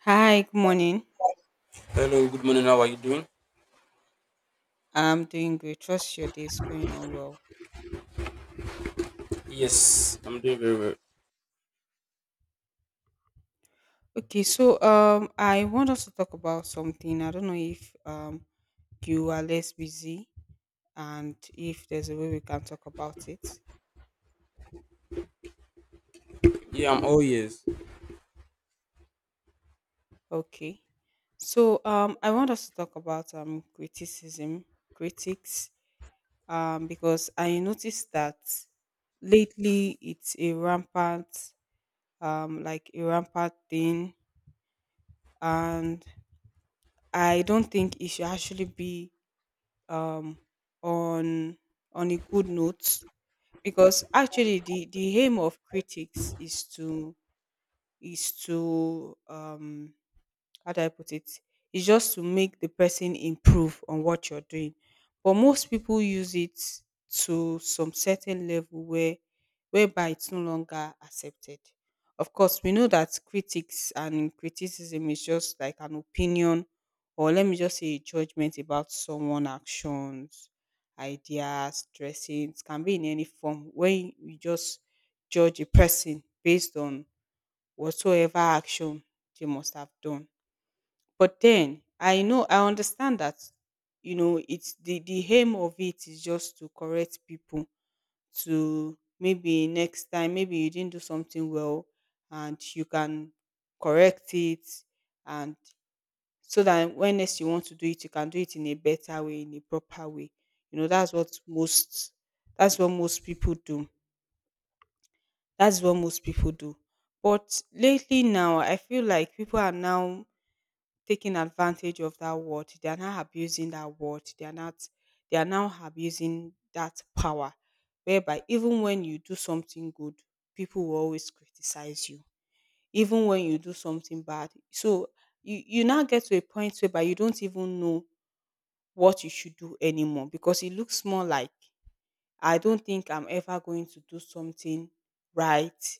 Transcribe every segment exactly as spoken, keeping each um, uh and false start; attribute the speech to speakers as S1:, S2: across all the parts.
S1: Hi, good morning.
S2: Hello, good morning. How are you doing?
S1: I'm doing great. Trust your day is going on well.
S2: Yes, I'm doing very well.
S1: Okay, so um, I want us to talk about something. I don't know if um you are less busy and if there's a way we can talk about it.
S2: Yeah, I'm all ears.
S1: Okay, so um, I want us to talk about um criticism, critics, um, because I noticed that lately it's a rampant, um, like a rampant thing, and I don't think it should actually be um, on on a good note, because actually the the aim of critics is to is to, um, how do I put it? It's just to make the person improve on what you're doing. But most people use it to some certain level where whereby it's no longer accepted. Of course, we know that critics and criticism is just like an opinion, or let me just say a judgment about someone actions, ideas, dressings, can be in any form when you just judge a person based on whatsoever action they must have done. But then I know I understand that you know it's the the aim of it is just to correct people, to maybe next time, maybe you didn't do something well and you can correct it, and so that when next you want to do it you can do it in a better way, in a proper way. You know that's what most that's what most people do that's what most people do. But lately now I feel like people are now taking advantage of that word. They are now abusing that word. They are not, they are now abusing that power. Whereby even when you do something good, people will always criticize you. Even when you do something bad. So you, you now get to a point whereby you don't even know what you should do anymore, because it looks more like I don't think I'm ever going to do something right,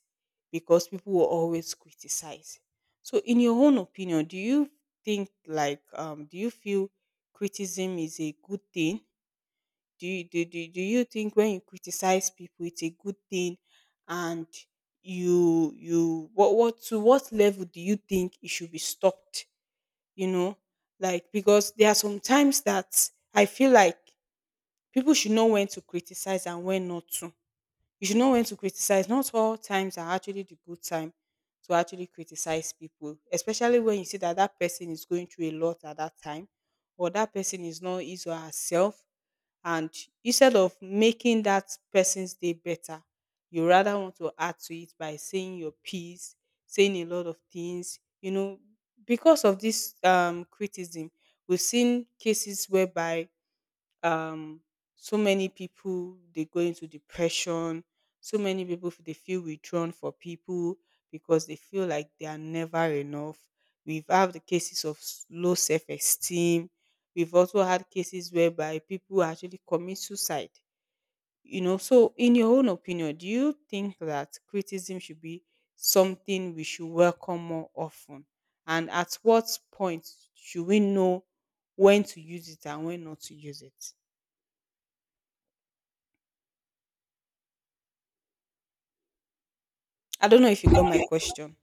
S1: because people will always criticize. So, in your own opinion, do you think, like um do you feel, criticism is a good thing? Do you do, do, do you think when you criticize people it's a good thing, and you you what what to what level do you think it should be stopped? You know? Like, because there are some times that I feel like people should know when to criticize and when not to. You should know when to criticize. Not all times are actually the good time to actually criticize people, especially when you see that that person is going through a lot at that time, or that person is not his or herself. And instead of making that person's day better, you rather want to add to it by saying your piece, saying a lot of things. You know, because of this um, criticism, we've seen cases whereby um so many people they go into depression, so many people f- they feel withdrawn for people because they feel like they are never enough. We've had the cases of s- low self-esteem. We've also had cases whereby people actually commit suicide. You know so in your own opinion, do you think that criticism should be something we should welcome more often, and at what point should we know when to use it and when not to use it? I don't know if you got my question.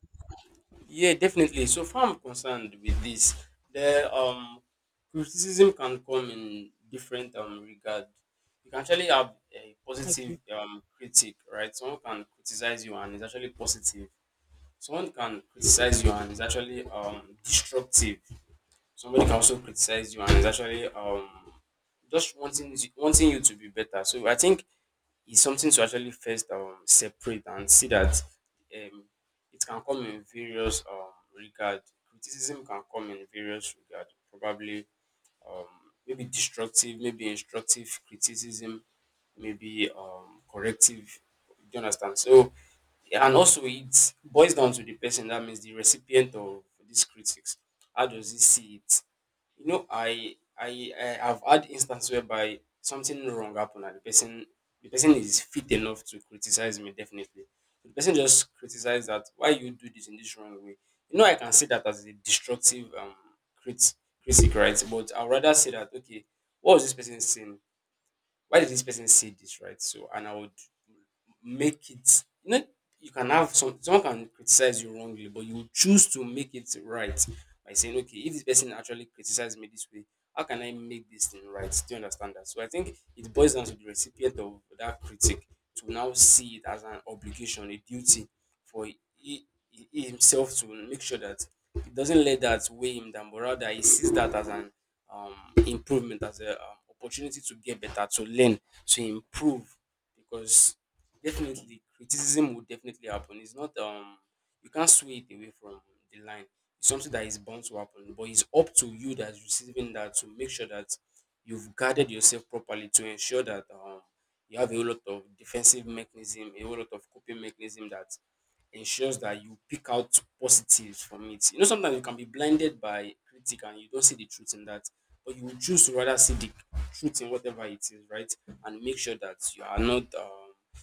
S2: Yeah, definitely. So far, I'm concerned with this. The um criticism can come in different um regard. You can actually have a
S1: Okay.
S2: positive um critic, right? Someone can criticize you and it's actually positive. Someone can criticize you and it's actually um destructive. Somebody can also criticize you and it's actually um just wanting wanting you to be better. So I think is something to actually first um, separate and see that um, it can come in various um, regard. Criticism can come in various regard, probably um, maybe destructive, maybe instructive criticism, maybe um, corrective. Do you understand? So, and also it boils down to the person that means the recipient of these critics. How does he see it? You know, I I I have had instance whereby something wrong happened and the person the person is fit enough to criticize me, definitely. So the person just criticized that why you do this in this wrong way. You know, I can see that as a destructive um crit- critic, right? But I'd rather say that, okay, what was this person saying? why did this person say this, right? So, and I would make it, you know, You can have some, someone can criticize you wrongly, but you choose to make it right by saying, okay, if this person actually criticized me this way, how can I make this thing right? Do you understand that? So, I think it boils down to the recipient of that critic to now see it as an obligation, a duty for he, he himself to make sure that it doesn't let that weigh him down, but rather he sees that as an um improvement, as a um, opportunity to get better, to learn, to improve. Because definitely criticism will definitely happen. It's not um you can't sway it away from the line. It's something that is bound to happen, but it's up to you that's receiving that to make sure that you've guarded yourself properly, to ensure that um you have a whole lot of defensive mechanism, a whole lot of coping mechanism that ensures that you pick out positives from it. You know, sometimes you can be blinded by critic and you don't see the truth in that, but you will choose to rather see the truth in whatever it is, right? And make sure that you are not um,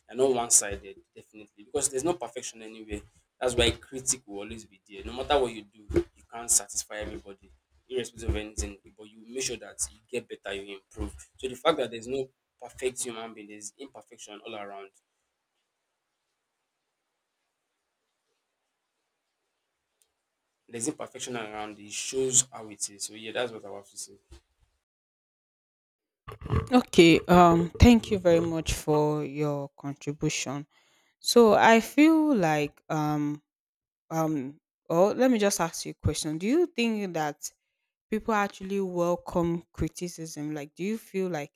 S2: you're not one-sided, definitely, because there's no perfection anywhere. That's why critic will always be there. No matter what you do, you can't satisfy everybody, irrespective of anything. But you make sure that you get better, you improve. So the fact that there's no perfect human being, there's imperfection all around. there's imperfection around it. It shows how it is. So yeah, that's what I have to say.
S1: Okay. Um. Thank you very much for your contribution. So I feel like um um. Oh, let me just ask you a question. Do you think that people actually welcome criticism? Like, do you feel like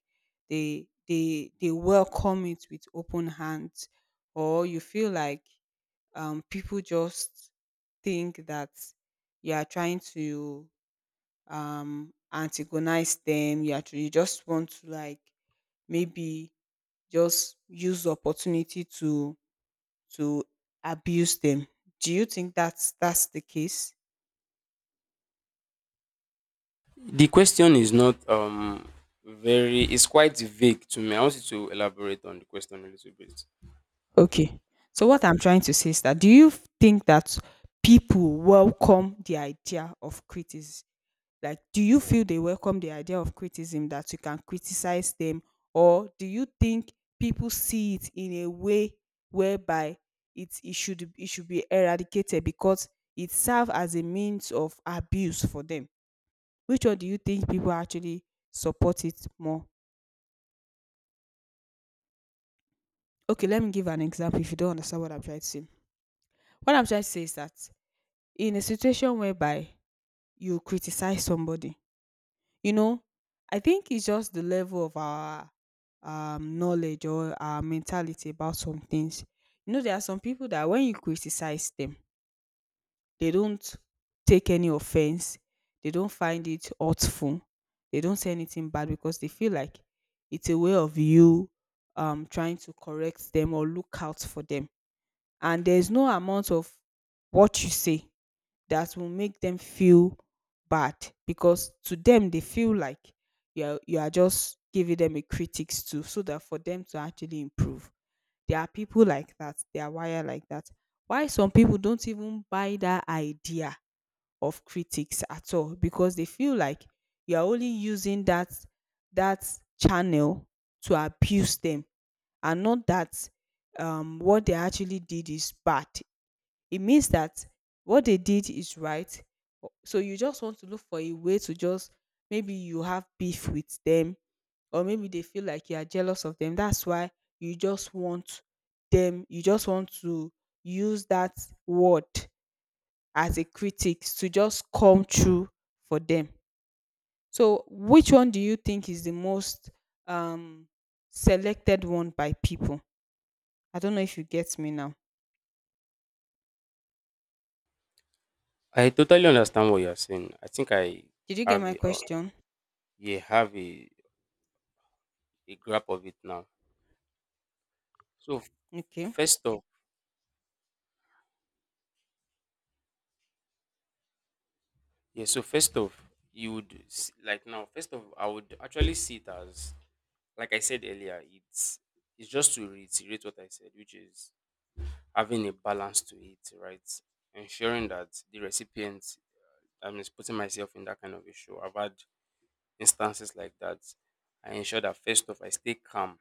S1: they they they welcome it with open hands, or you feel like um people just think that you are trying to um antagonize them? You actually, you just want to, like, maybe just use the opportunity to to abuse them. Do you think that's that's the case?
S2: The question is not um very, it's quite vague to me. I want you to elaborate on the question a little bit.
S1: Okay, so what I'm trying to say is that, do you think that people welcome the idea of criticism? Like, do you feel they welcome the idea of criticism, that you can criticize them? Or do you think people see it in a way whereby it, it should it should be eradicated because it serves as a means of abuse for them? Which one do you think people actually support it more? Okay, let me give an example if you don't understand what I'm trying to say. What I'm trying to say is that in a situation whereby you criticize somebody, you know, I think it's just the level of our um, knowledge or our mentality about some things. You know, there are some people that when you criticize them, they don't take any offense, they don't find it hurtful, they don't say anything bad, because they feel like it's a way of you um, trying to correct them or look out for them. And there's no amount of what you say that will make them feel bad, because to them they feel like you're you are just giving them a critics, too, so that for them to actually improve. There are people like that, they are wired like that. Why some people don't even buy that idea of critics at all, because they feel like you're only using that that channel to abuse them, and not that um what they actually did is bad. It means that what they did is right. o- So you just want to look for a way to just, maybe you have beef with them, or maybe they feel like you are jealous of them. That's why you just want them, you just want to use that word as a critic to just come true for them. So, which one do you think is the most um, selected one by people? I don't know if you get me now.
S2: I totally understand what you're saying. I think I
S1: Did you get
S2: have
S1: my
S2: a, uh,
S1: question?
S2: yeah, have a, a grasp of it now. So f-
S1: Okay.
S2: first off, yeah, so first off, you would s- like now, first off, I would actually see it as, like I said earlier, it's it's just to reiterate what I said, which is having a balance to it, right? Ensuring that the recipient, I mean, putting myself in that kind of issue. I've had instances like that. I ensure that first off, I stay calm.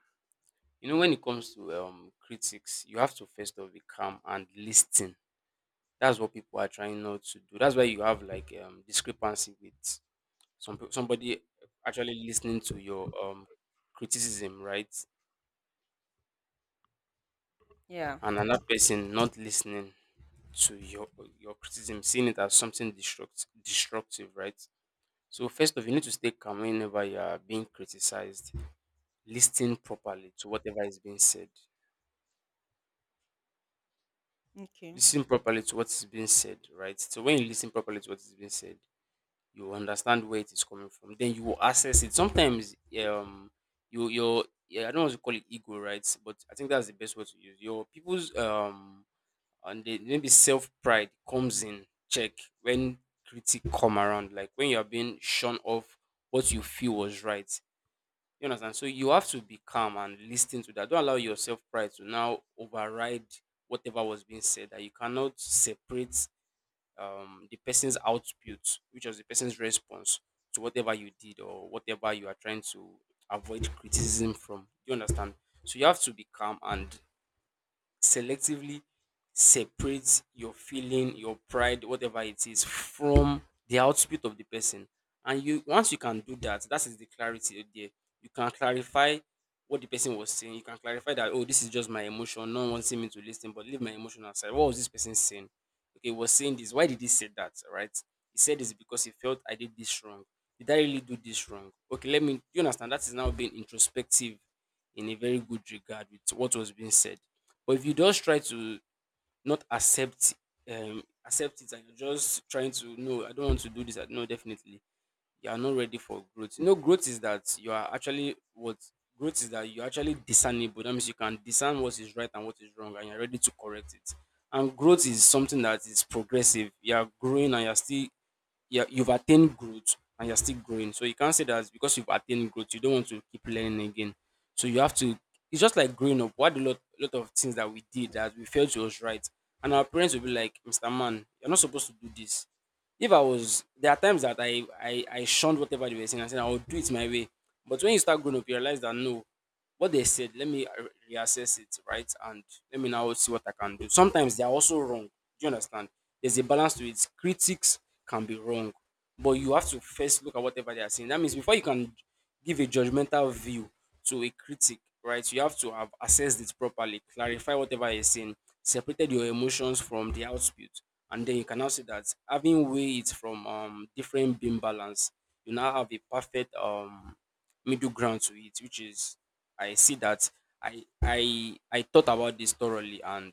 S2: You know, when it comes to um, critics, you have to first off be calm and listen. That's what people are trying not to do. That's why you have like um, discrepancy with some peo- somebody actually listening to your um, criticism, right?
S1: Yeah.
S2: And another person not listening to your your criticism, seeing it as something destruct, destructive, right? So first of all, you need to stay calm whenever you are being criticized. Listen properly to whatever is being said.
S1: Okay.
S2: Listen properly to what is being said, right? So when you listen properly to what is being said, you will understand where it is coming from. Then you will assess it. Sometimes, um, you your yeah, I don't want to call it ego, right? But I think that's the best word to use. Your people's um and the, maybe self pride comes in check when critic come around, like when you're being shun off what you feel was right. You understand? So you have to be calm and listen to that. Don't allow your self pride to now override whatever was being said, that you cannot separate um, the person's output, which was the person's response to whatever you did or whatever you are trying to avoid criticism from. You understand? So you have to be calm and selectively separates your feeling, your pride, whatever it is, from the output of the person. And you once you can do that, that is the clarity right there. You can clarify what the person was saying. You can clarify that, oh, this is just my emotion. No one wants me to listen, but leave my emotion aside. What was this person saying? Okay, he was saying this. Why did he say that? Right? He said this because he felt I did this wrong. Did I really do this wrong? Okay, let me. Do You understand? That is now being introspective in a very good regard with what was being said. But if you just try to not accept um accept it, and you're just trying to, no, I don't want to do this. I. No, definitely. You are not ready for growth. You know, growth is that you are actually, what, growth is that you're actually discernible. That means you can discern what is right and what is wrong and you're ready to correct it. And growth is something that is progressive. You are growing and you're still, yeah, you've attained growth and you're still growing. So you can't say that because you've attained growth, you don't want to keep learning again. So you have to. It's just like growing up. What a lot, lot of things that we did that we felt was right, and our parents will be like, "Mister Man, you're not supposed to do this." If I was, there are times that I I, I shunned whatever they were saying and said I would do it my way. But when you start growing up, you realize that, no, what they said, let me uh, reassess it, right. And let me now see what i can do. Sometimes they are also wrong. Do you understand? There's a balance to it. Critics can be wrong, but you have to first look at whatever they are saying. That means before you can give a judgmental view to a critic, right, you have to have assessed it properly, clarify whatever is saying, separated your emotions from the output. And then you can now see that, having weighed it from um different beam balance, you now have a perfect um middle ground to it, which is, I see that, i i i thought about this thoroughly, and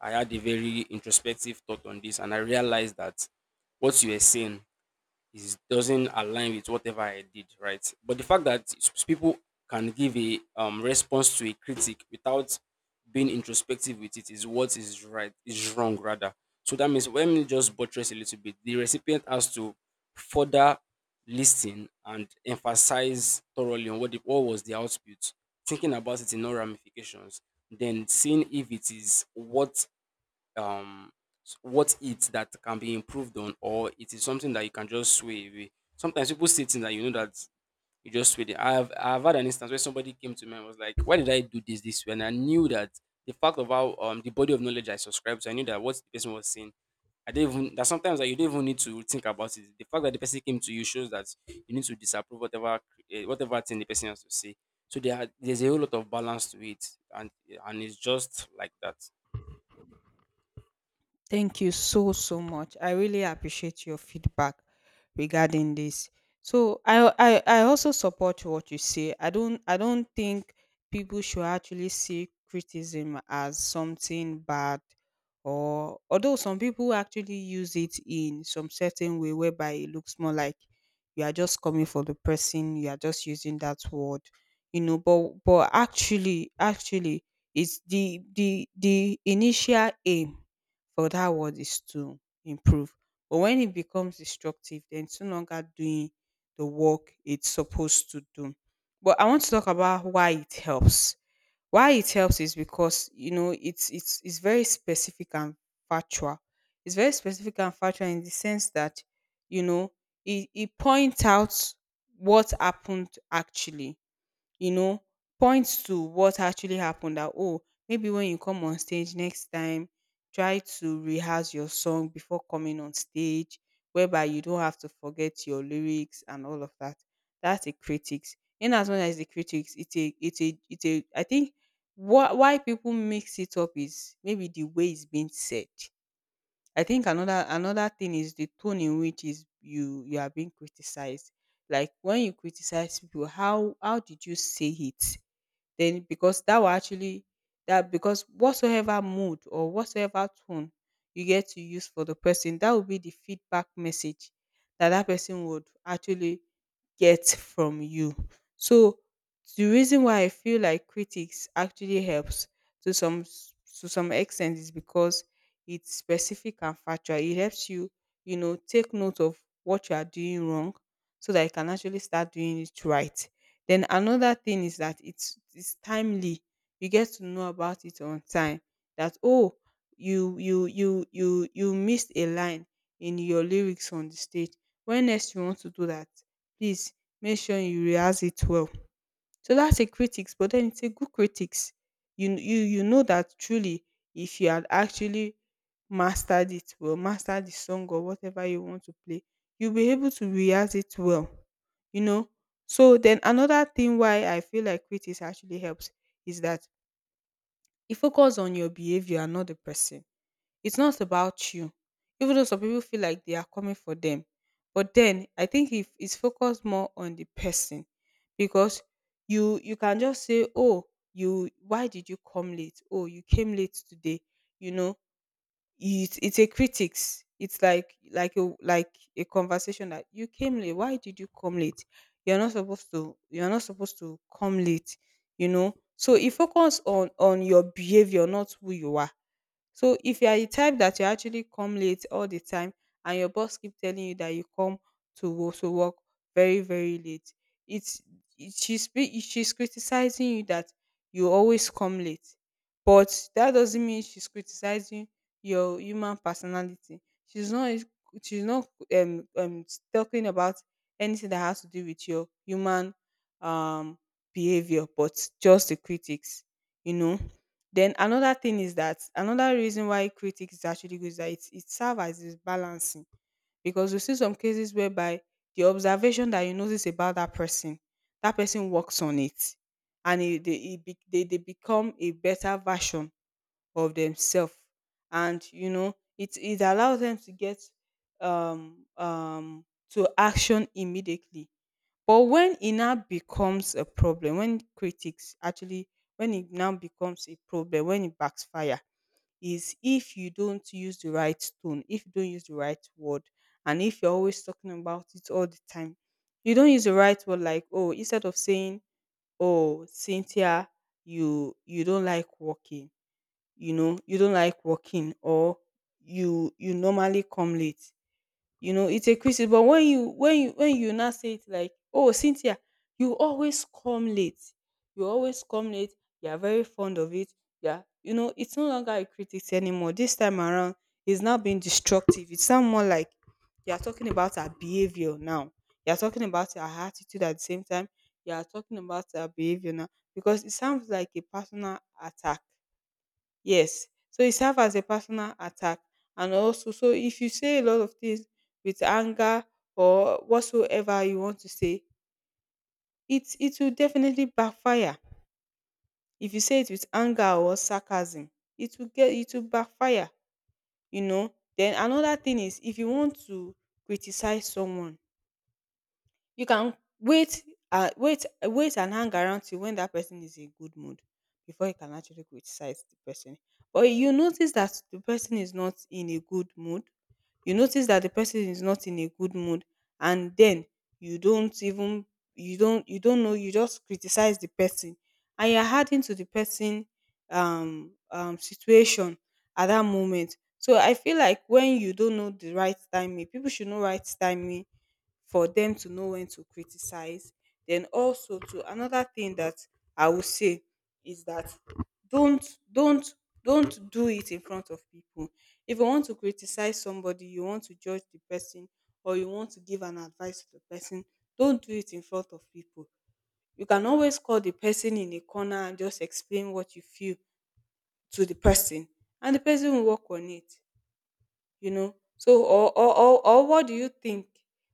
S2: I had a very introspective thought on this, and I realized that what you were saying is doesn't align with whatever I did, right? But the fact that s- s- people can give a um, response to a critic without being introspective with it is what is right is wrong, rather. So that means when me just buttress a little bit, the recipient has to further listen and emphasize thoroughly on what the, what was the output, thinking about it in all ramifications, then seeing if it is what um s- what it that can be improved on, or it is something that you can just sway away. Sometimes people say things that you know that you just sway them. I've I've had an instance where somebody came to me and was like, "Why did I do this this way?" And I knew that the fact of how um the body of knowledge I subscribed to, I knew that what the person was saying. I did not even that sometimes that you don't even need to think about it. The fact that the person came to you shows that you need to disapprove whatever eh, whatever thing the person has to say. So there are, there's a whole lot of balance to it, and and it's just like that.
S1: Thank you so, so much. I really appreciate your feedback regarding this. So I, I, I also support what you say. I don't, I don't think people should actually see criticism as something bad, or although some people actually use it in some certain way whereby it looks more like you are just coming for the person, you are just using that word, you know. But, but actually, actually, it's the the the initial aim for that word is to improve. But when it becomes destructive, then it's no longer doing the work it's supposed to do. But I want to talk about why it helps. Why it helps is because you know it's it's it's very specific and factual. It's very specific and factual, in the sense that you know it, it points out what happened actually. you know, Points to what actually happened, that, oh, maybe when you come on stage next time, try to rehearse your song before coming on stage, whereby you don't have to forget your lyrics and all of that. That's a critics. In as much as the critics, it's a, it's a, it's a, I think what, why people mix it up is maybe the way it's being said. I think another another thing is the tone in which is you you are being criticized. Like when you criticize people, how how did you say it? Then because that will actually that, because whatsoever mood or whatsoever tone you get to use for the person, that will be the feedback message that that person would actually get from you. So the reason why I feel like critics actually helps to some s- to some extent, is because it's specific and factual. It helps you, you know, take note of what you are doing wrong, so that you can actually start doing it right. Then another thing is that it's it's timely. You get to know about it on time. That, oh, you you you you you missed a line in your lyrics on the stage. When next you want to do that, please make sure you rehearse it well. So that's a critics, but then it's a good critics. You you you know that truly, if you had actually mastered it well, mastered the song or whatever you want to play, you'll be able to rehearse it well. You know. So then another thing why I feel like critics actually helps is that it focus on your behavior and not the person. It's not about you. Even though some people feel like they are coming for them. But then I think if it's focused more on the person, because you you can just say, oh, you, why did you come late? Oh, you came late today. You know, it's it's a critics. It's like like a like a conversation, that you came late. Why did you come late? You're not supposed to you're not supposed to come late, you know. So it focus on on your behavior, not who you are. So if you are the type that you actually come late all the time and your boss keep telling you that you come to wo- to work very very late, it's it, she's be- she's criticizing you that you always come late, but that doesn't mean she's criticizing your human personality. She's not is- she's not um um talking about anything that has to do with your human um behavior, but just the critics, you know. Then another thing is that another reason why critics is actually good is that it, it serves as this balancing, because you see some cases whereby the observation that you notice about that person, that person works on it, and it, they, it be, they, they become a better version of themselves. And you know, it, it allows them to get um, um, to action immediately. But when it now becomes a problem, when critics actually, when it now becomes a problem, when it backfire, is if you don't use the right tone, if you don't use the right word, and if you're always talking about it all the time, you don't use the right word. Like, oh, instead of saying, oh, Cynthia, you you don't like working, you know, you don't like working, or you you normally come late. You know, it's a criticism. But when you when you when you now say it like, oh, Cynthia, you always come late, you always come late, you are very fond of it, yeah, you know, it's no longer a critic anymore this time around. It's now being destructive. It's sound more like you are talking about her behavior now. You are talking about her attitude at the same time. You are talking about her behavior now, because it sounds like a personal attack. Yes, so it serves as a personal attack. And also, so if you say a lot of things with anger or whatsoever you want to say, it it will definitely backfire. If you say it with anger or sarcasm, it will get it will backfire, you know. Then another thing is, if you want to criticize someone, you can wait. uh, wait wait and hang around till when that person is in good mood before you can actually criticize the person. But you notice that the person is not in a good mood. You notice that the person is not in a good mood, and then you don't even you don't you don't know, you just criticize the person, and you're adding to the person um um situation at that moment. So I feel like when you don't know the right timing, people should know right timing for them to know when to criticize. Then also to another thing that I would say is that, don't don't don't do it in front of people. If you want to criticize somebody, you want to judge the person, or you want to give an advice to the person, don't do it in front of people. You can always call the person in a corner and just explain what you feel to the person, and the person will work on it, you know. So or or or, or what do you think,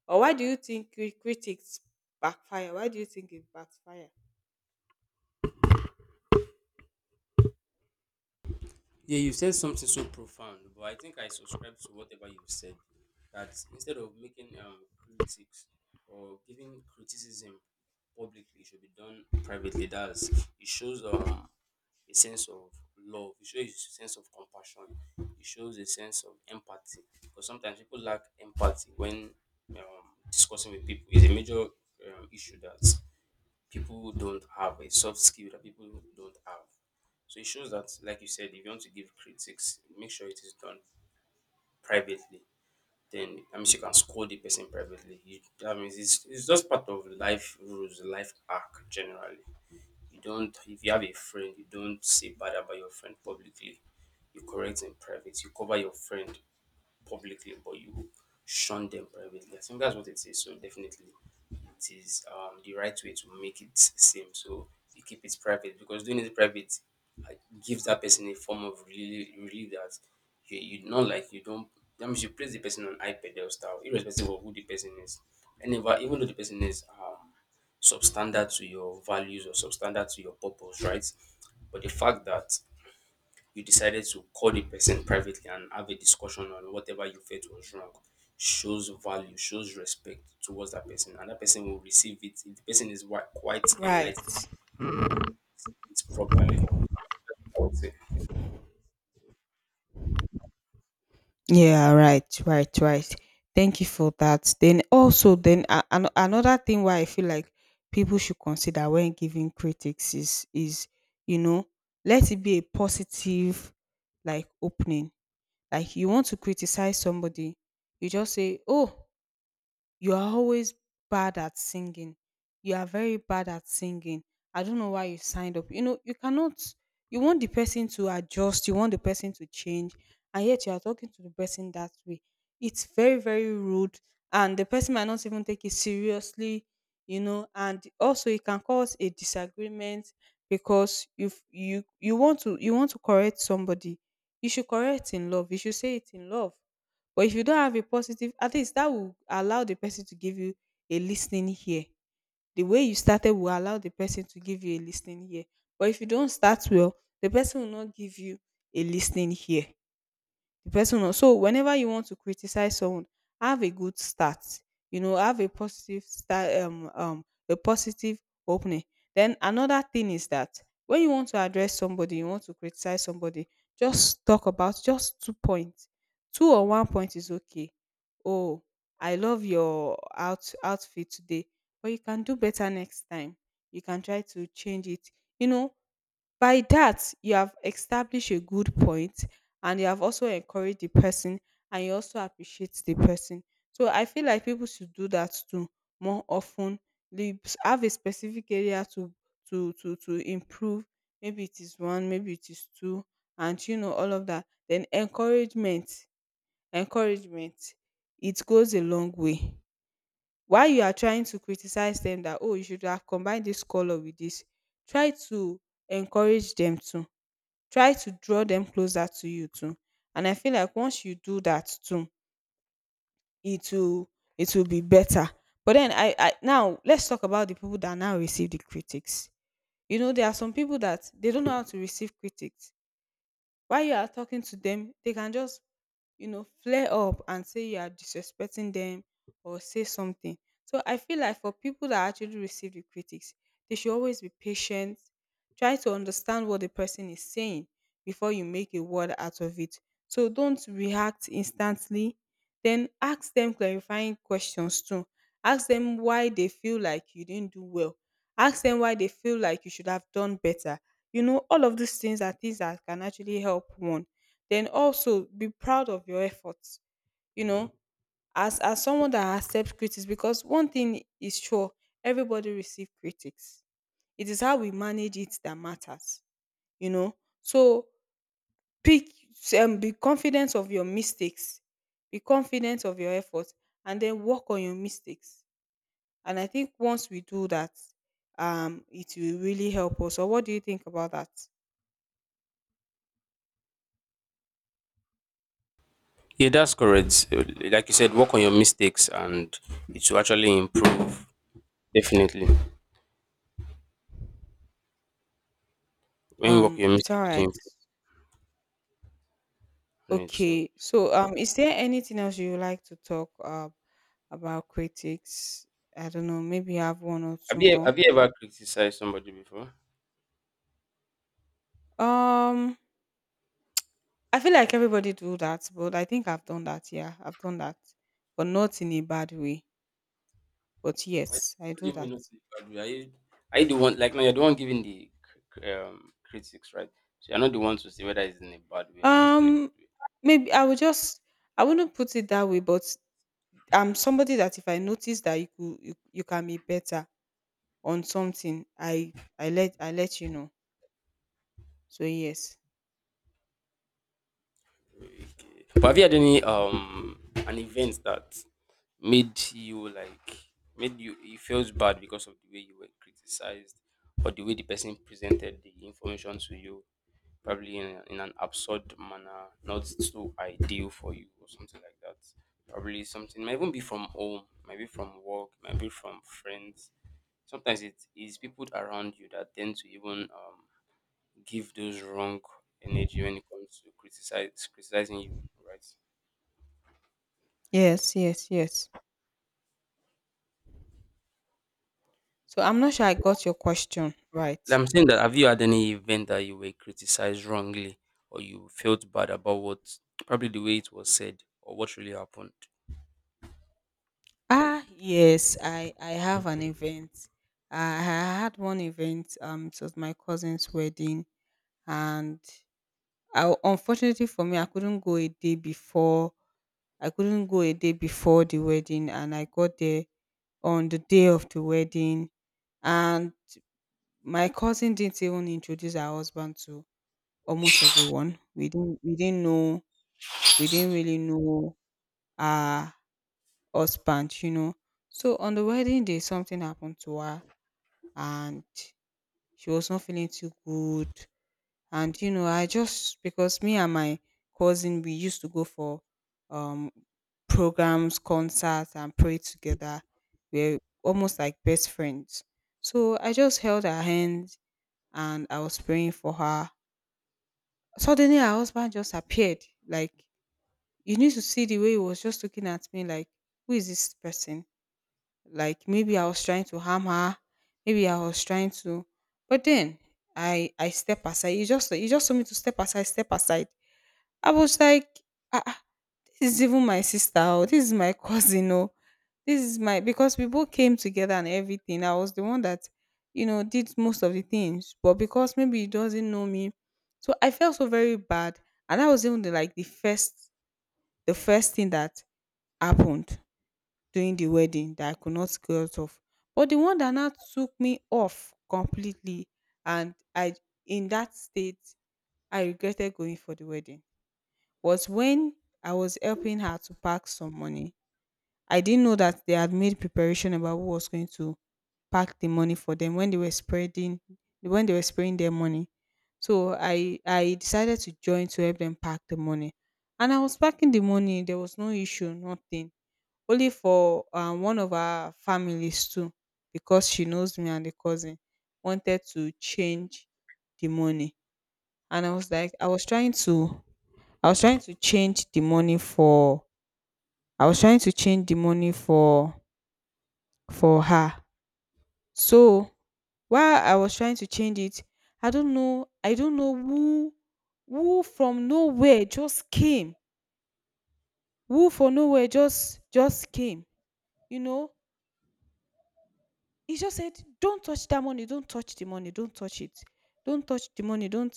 S1: or why do you think cri- critics backfire? Why do you think it backfire?
S2: Yeah, you said something so profound, but I think I subscribe to whatever you've said. That instead of making um, critics or giving criticism publicly, it should be done privately. That's, it shows um, a sense of love. It shows a sense of compassion. It shows a sense of empathy. Because sometimes people lack empathy when um, discussing with people. It's a major um, issue that people who don't have a soft skill that people who don't have. So it shows that, like you said, if you want to give critics, make sure it is done privately. Then that means you can scold the person privately. You, that means it's, it's just part of life rules, life arc generally. You don't, if you have a friend, you don't say bad about your friend publicly. You correct in private. You cover your friend publicly, but you shun them privately. I think that's what it is. So definitely, it is um, the right way to make it seem. So you keep it private because doing it private, uh, gives that person a form of relief, relief that you, you not, like, you don't. That means you place the person on high pedestal, irrespective of who the person is. And if, even though the person is um, substandard to your values or substandard to your purpose, right? But the fact that you decided to call the person privately and have a discussion on whatever you felt was wrong shows value, shows respect towards that person, and that person will receive it. If the person is wi- quite
S1: Right.
S2: enlightened. It's properly, I would say.
S1: Yeah, right, right, right. Thank you for that. Then also, then a- an- another thing why I feel like people should consider when giving critics is is, you know, let it be a positive like opening. Like, you want to criticize somebody, you just say, "Oh, you are always bad at singing. You are very bad at singing. I don't know why you signed up." You know, you cannot, you want the person to adjust, you want the person to change, and yet you are talking to the person that way. It's very, very rude, and the person might not even take it seriously, you know, and also it can cause a disagreement. Because if you you want to, you want to correct somebody, you should correct in love. You should say it in love. But if you don't have a positive, at least that will allow the person to give you a listening ear. The way you started will allow the person to give you a listening ear. But if you don't start well, the person will not give you a listening ear. The person or So whenever you want to criticize someone, have a good start. You know, have a positive start. Um, um a positive opening. Then another thing is that when you want to address somebody, you want to criticize somebody, just talk about just two points. Two or one point is okay. Oh, I love your out outfit today, but you can do better next time. You can try to change it, you know. By that, you have established a good point, and you have also encouraged the person, and you also appreciate the person. So I feel like people should do that too more often. They s- have a specific area to to to to improve. Maybe it is one, maybe it is two, and you know all of that. Then encouragement, encouragement, it goes a long way. While you are trying to criticize them that, oh, you should have combined this color with this, try to encourage them too. Try to draw them closer to you too. And I feel like once you do that too, it will, it will be better. But then I, I now let's talk about the people that now receive the critics. You know, there are some people that they don't know how to receive critics. While you are talking to them, they can just, you know, flare up and say you are disrespecting them, or say something. So I feel like for people that actually receive the critics, they should always be patient. Try to understand what the person is saying before you make a word out of it. So don't react instantly. Then ask them clarifying questions too. Ask them why they feel like you didn't do well. Ask them why they feel like you should have done better. You know, all of these things are things that can actually help one. Then also be proud of your efforts. You know, as as someone that accepts critics. Because one thing is sure, everybody receive critics. It is how we manage it that matters, you know. So pick, um, be confident of your mistakes, be confident of your efforts, and then work on your mistakes. And I think once we do that, um it will really help us. So what do you think about that?
S2: Yeah, that's correct. Uh, Like you said, work on your mistakes and it will actually improve. Definitely. When you work on
S1: Um,
S2: your
S1: it's all
S2: mistakes, it will
S1: right.
S2: improve on it. So
S1: Okay. So, um, is there anything else you would like to talk uh, about critics? I don't know. Maybe I have one or
S2: have
S1: two
S2: you
S1: more.
S2: have you ever criticized somebody before?
S1: Um, I feel like everybody do that, but I think I've done that. Yeah, I've done that, but not in a bad way. But
S2: Why
S1: yes, I
S2: do
S1: do
S2: you mean
S1: that.
S2: not to agree? Are you, are you the one, like, now you're the one giving the cr- cr- um, critics, right? So you're not the one to say whether it's in a bad way or it's in a good
S1: Um,
S2: way.
S1: maybe I would just. I wouldn't put it that way, but I'm somebody that if I notice that you could, you, you can be better on something, I I let I let you know. So yes.
S2: Okay. But have you had any um an event that made you like made you you felt bad because of the way you were criticized or the way the person presented the information to you, probably in, a- in an absurd manner, not so ideal for you or something like that. Probably something might even be from home, maybe from work, maybe from friends. Sometimes it is people around you that tend to even um give those wrong energy when it comes to criticize criticizing you, right?
S1: Yes, yes, yes. So I'm not sure I got your question
S2: Like
S1: right.
S2: I'm saying that have you had any event that you were criticized wrongly or you felt bad about what probably the way it was said or what really happened?
S1: Ah, yes, I I have an event. I I had one event. Um, it was my cousin's wedding, and I, unfortunately for me, I couldn't go a day before. I couldn't go a day before the wedding, and I got there on the day of the wedding. And my cousin didn't even introduce her husband to almost everyone. We didn't we didn't know, we didn't really know uh husband, you know. So on the wedding day, something happened to her, and she was not feeling too good. And you know, I just, because me and my cousin, we used to go for um programs, concerts, and pray together. We're almost like best friends. So I just held her hand and I was praying for her. Suddenly, her husband just appeared. Like, you need to see the way he was just looking at me, like, who is this person? Like, maybe I was trying to harm her, maybe I was trying to, but then I I step aside. You just you just told me to step aside, step aside. I was like, ah, ah, this is even my sister, oh, this is my cousin, oh, this is my because we both came together and everything. I was the one that, you know, did most of the things. But because maybe he doesn't know me, so I felt so very bad. And that was even the, like, the first the first thing that happened during the wedding that I could not go out of. But the one that now took me off completely, and I in that state I regretted going for the wedding, was when I was helping her to pack some money. I didn't know that they had made preparation about who was going to pack the money for them when they were spreading when they were spreading their money. So I I decided to join to help them pack the money. And I was packing the money, there was no issue, nothing, only for um one of our families too, because she knows me and the cousin wanted to change the money. And I was like, i was trying to i was trying to change the money for I was trying to change the money for for her. So while I was trying to change it, i don't know I don't know who who from nowhere just came who from nowhere just just came, you know he just said, "Don't touch that money. Don't touch the money. Don't touch it. Don't touch the money. Don't.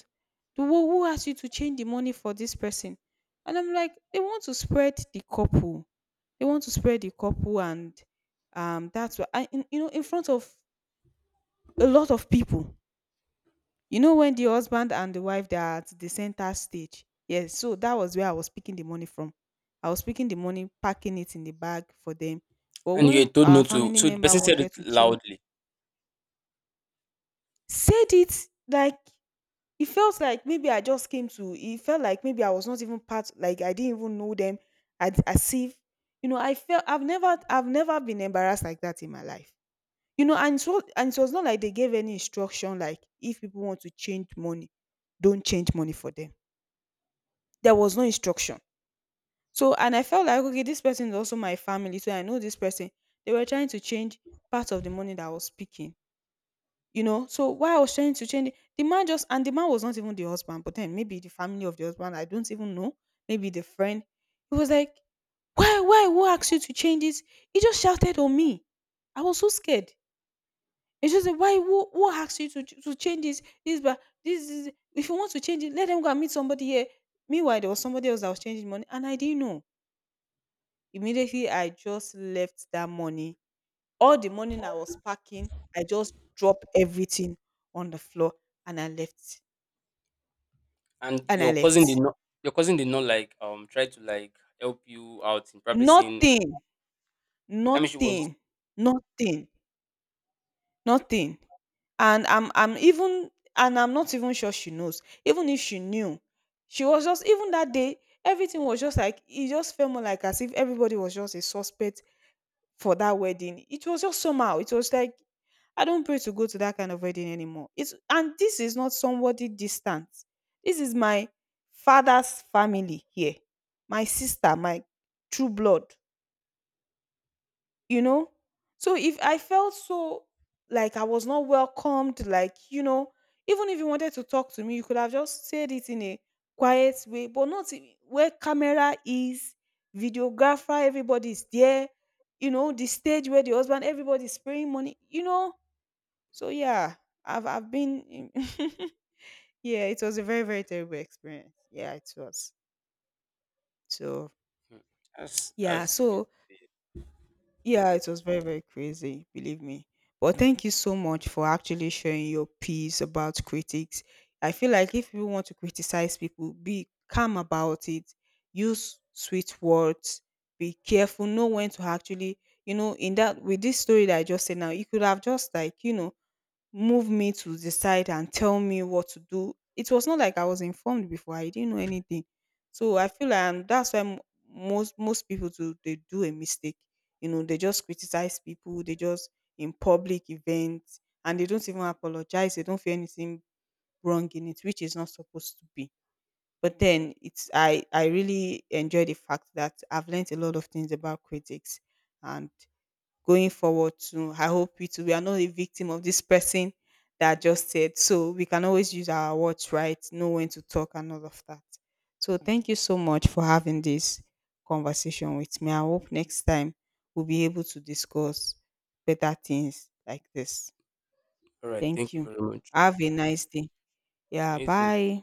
S1: The who, who asked you to change the money for this person?" And I'm like, they want to spread the couple. They want to spread the couple, and um, that's why I, in, you know, in front of a lot of people. You know, when the husband and the wife they are at the center stage. Yes, so that was where I was picking the money from. I was picking the money, packing it in the bag for them. But
S2: And you were
S1: when
S2: told
S1: our
S2: not to,
S1: family
S2: so the
S1: member
S2: person said it
S1: wanted to change,
S2: loudly.
S1: said it like, it felt like maybe I just came to, it felt like maybe I was not even part, like I didn't even know them, as, as if, you know, I felt I've never I've never been embarrassed like that in my life, you know. And so, and it was not like they gave any instruction, like if people want to change money, don't change money for them, there was no instruction. So, and I felt like, okay, this person is also my family, so I know this person. They were trying to change part of the money that I was speaking, you know. So why I was trying to change it, the man just, and the man was not even the husband, but then maybe the family of the husband, I don't even know, maybe the friend. He was like, why, why, who asked you to change this? He just shouted on me. I was so scared. He just said, why, who, who asked you to, to change this? This, but this is, if you want to change it, let them go and meet somebody here. Meanwhile, there was somebody else that was changing money, and I didn't know. Immediately, I just left that money, all the morning I was packing, I just dropped everything on the floor and I left.
S2: And
S1: And I
S2: your cousin did
S1: left.
S2: not your cousin did not like um try to like help you out in, probably saying,
S1: Nothing,
S2: I mean she was.
S1: nothing, nothing, nothing. And I'm I'm even and I'm not even sure she knows. Even if she knew, she was just, even that day, everything was just like, it just felt more like as if everybody was just a suspect for that wedding. It was just somehow. It was like I don't pray to go to that kind of wedding anymore. It's, and this is not somebody distant. This is my father's family here. My sister, my true blood, you know. So if I felt so like I was not welcomed, like, you know, even if you wanted to talk to me, you could have just said it in a quiet way, but not in- where camera is, videographer, everybody's there, you know, the stage where the husband, everybody's spraying money, you know. So yeah, i've I've been in- yeah, it was a very, very terrible experience. Yeah, it was. So
S2: Hmm, that's
S1: yeah.
S2: that's crazy.
S1: So yeah, it was very, very crazy, believe me. But thank you so much for actually sharing your piece about critics. I feel like if you want to criticize people, be calm about it, use sweet words, be careful, know when to actually, you know, in that, with this story that I just said now, you could have just like, you know, move me to the side and tell me what to do. It was not like I was informed before. I didn't know anything. So I feel like, and that's why mo- most most people do, they do a mistake. You know, they just criticize people, they just, in public events, and they don't even apologize. They don't feel anything wrong in it, which is not supposed to be. But then it's, I I really enjoy the fact that I've learned a lot of things about critics and going forward too. I hope we too we are not a victim of this person that just said. So we can always use our words right, know when to talk and all of that. So thank you so much for having this conversation with me. I hope next time we'll be able to discuss better things like this.
S2: All right,
S1: Thank
S2: thank you
S1: you.
S2: very much.
S1: Have a nice day.
S2: I
S1: Yeah,
S2: need to
S1: bye.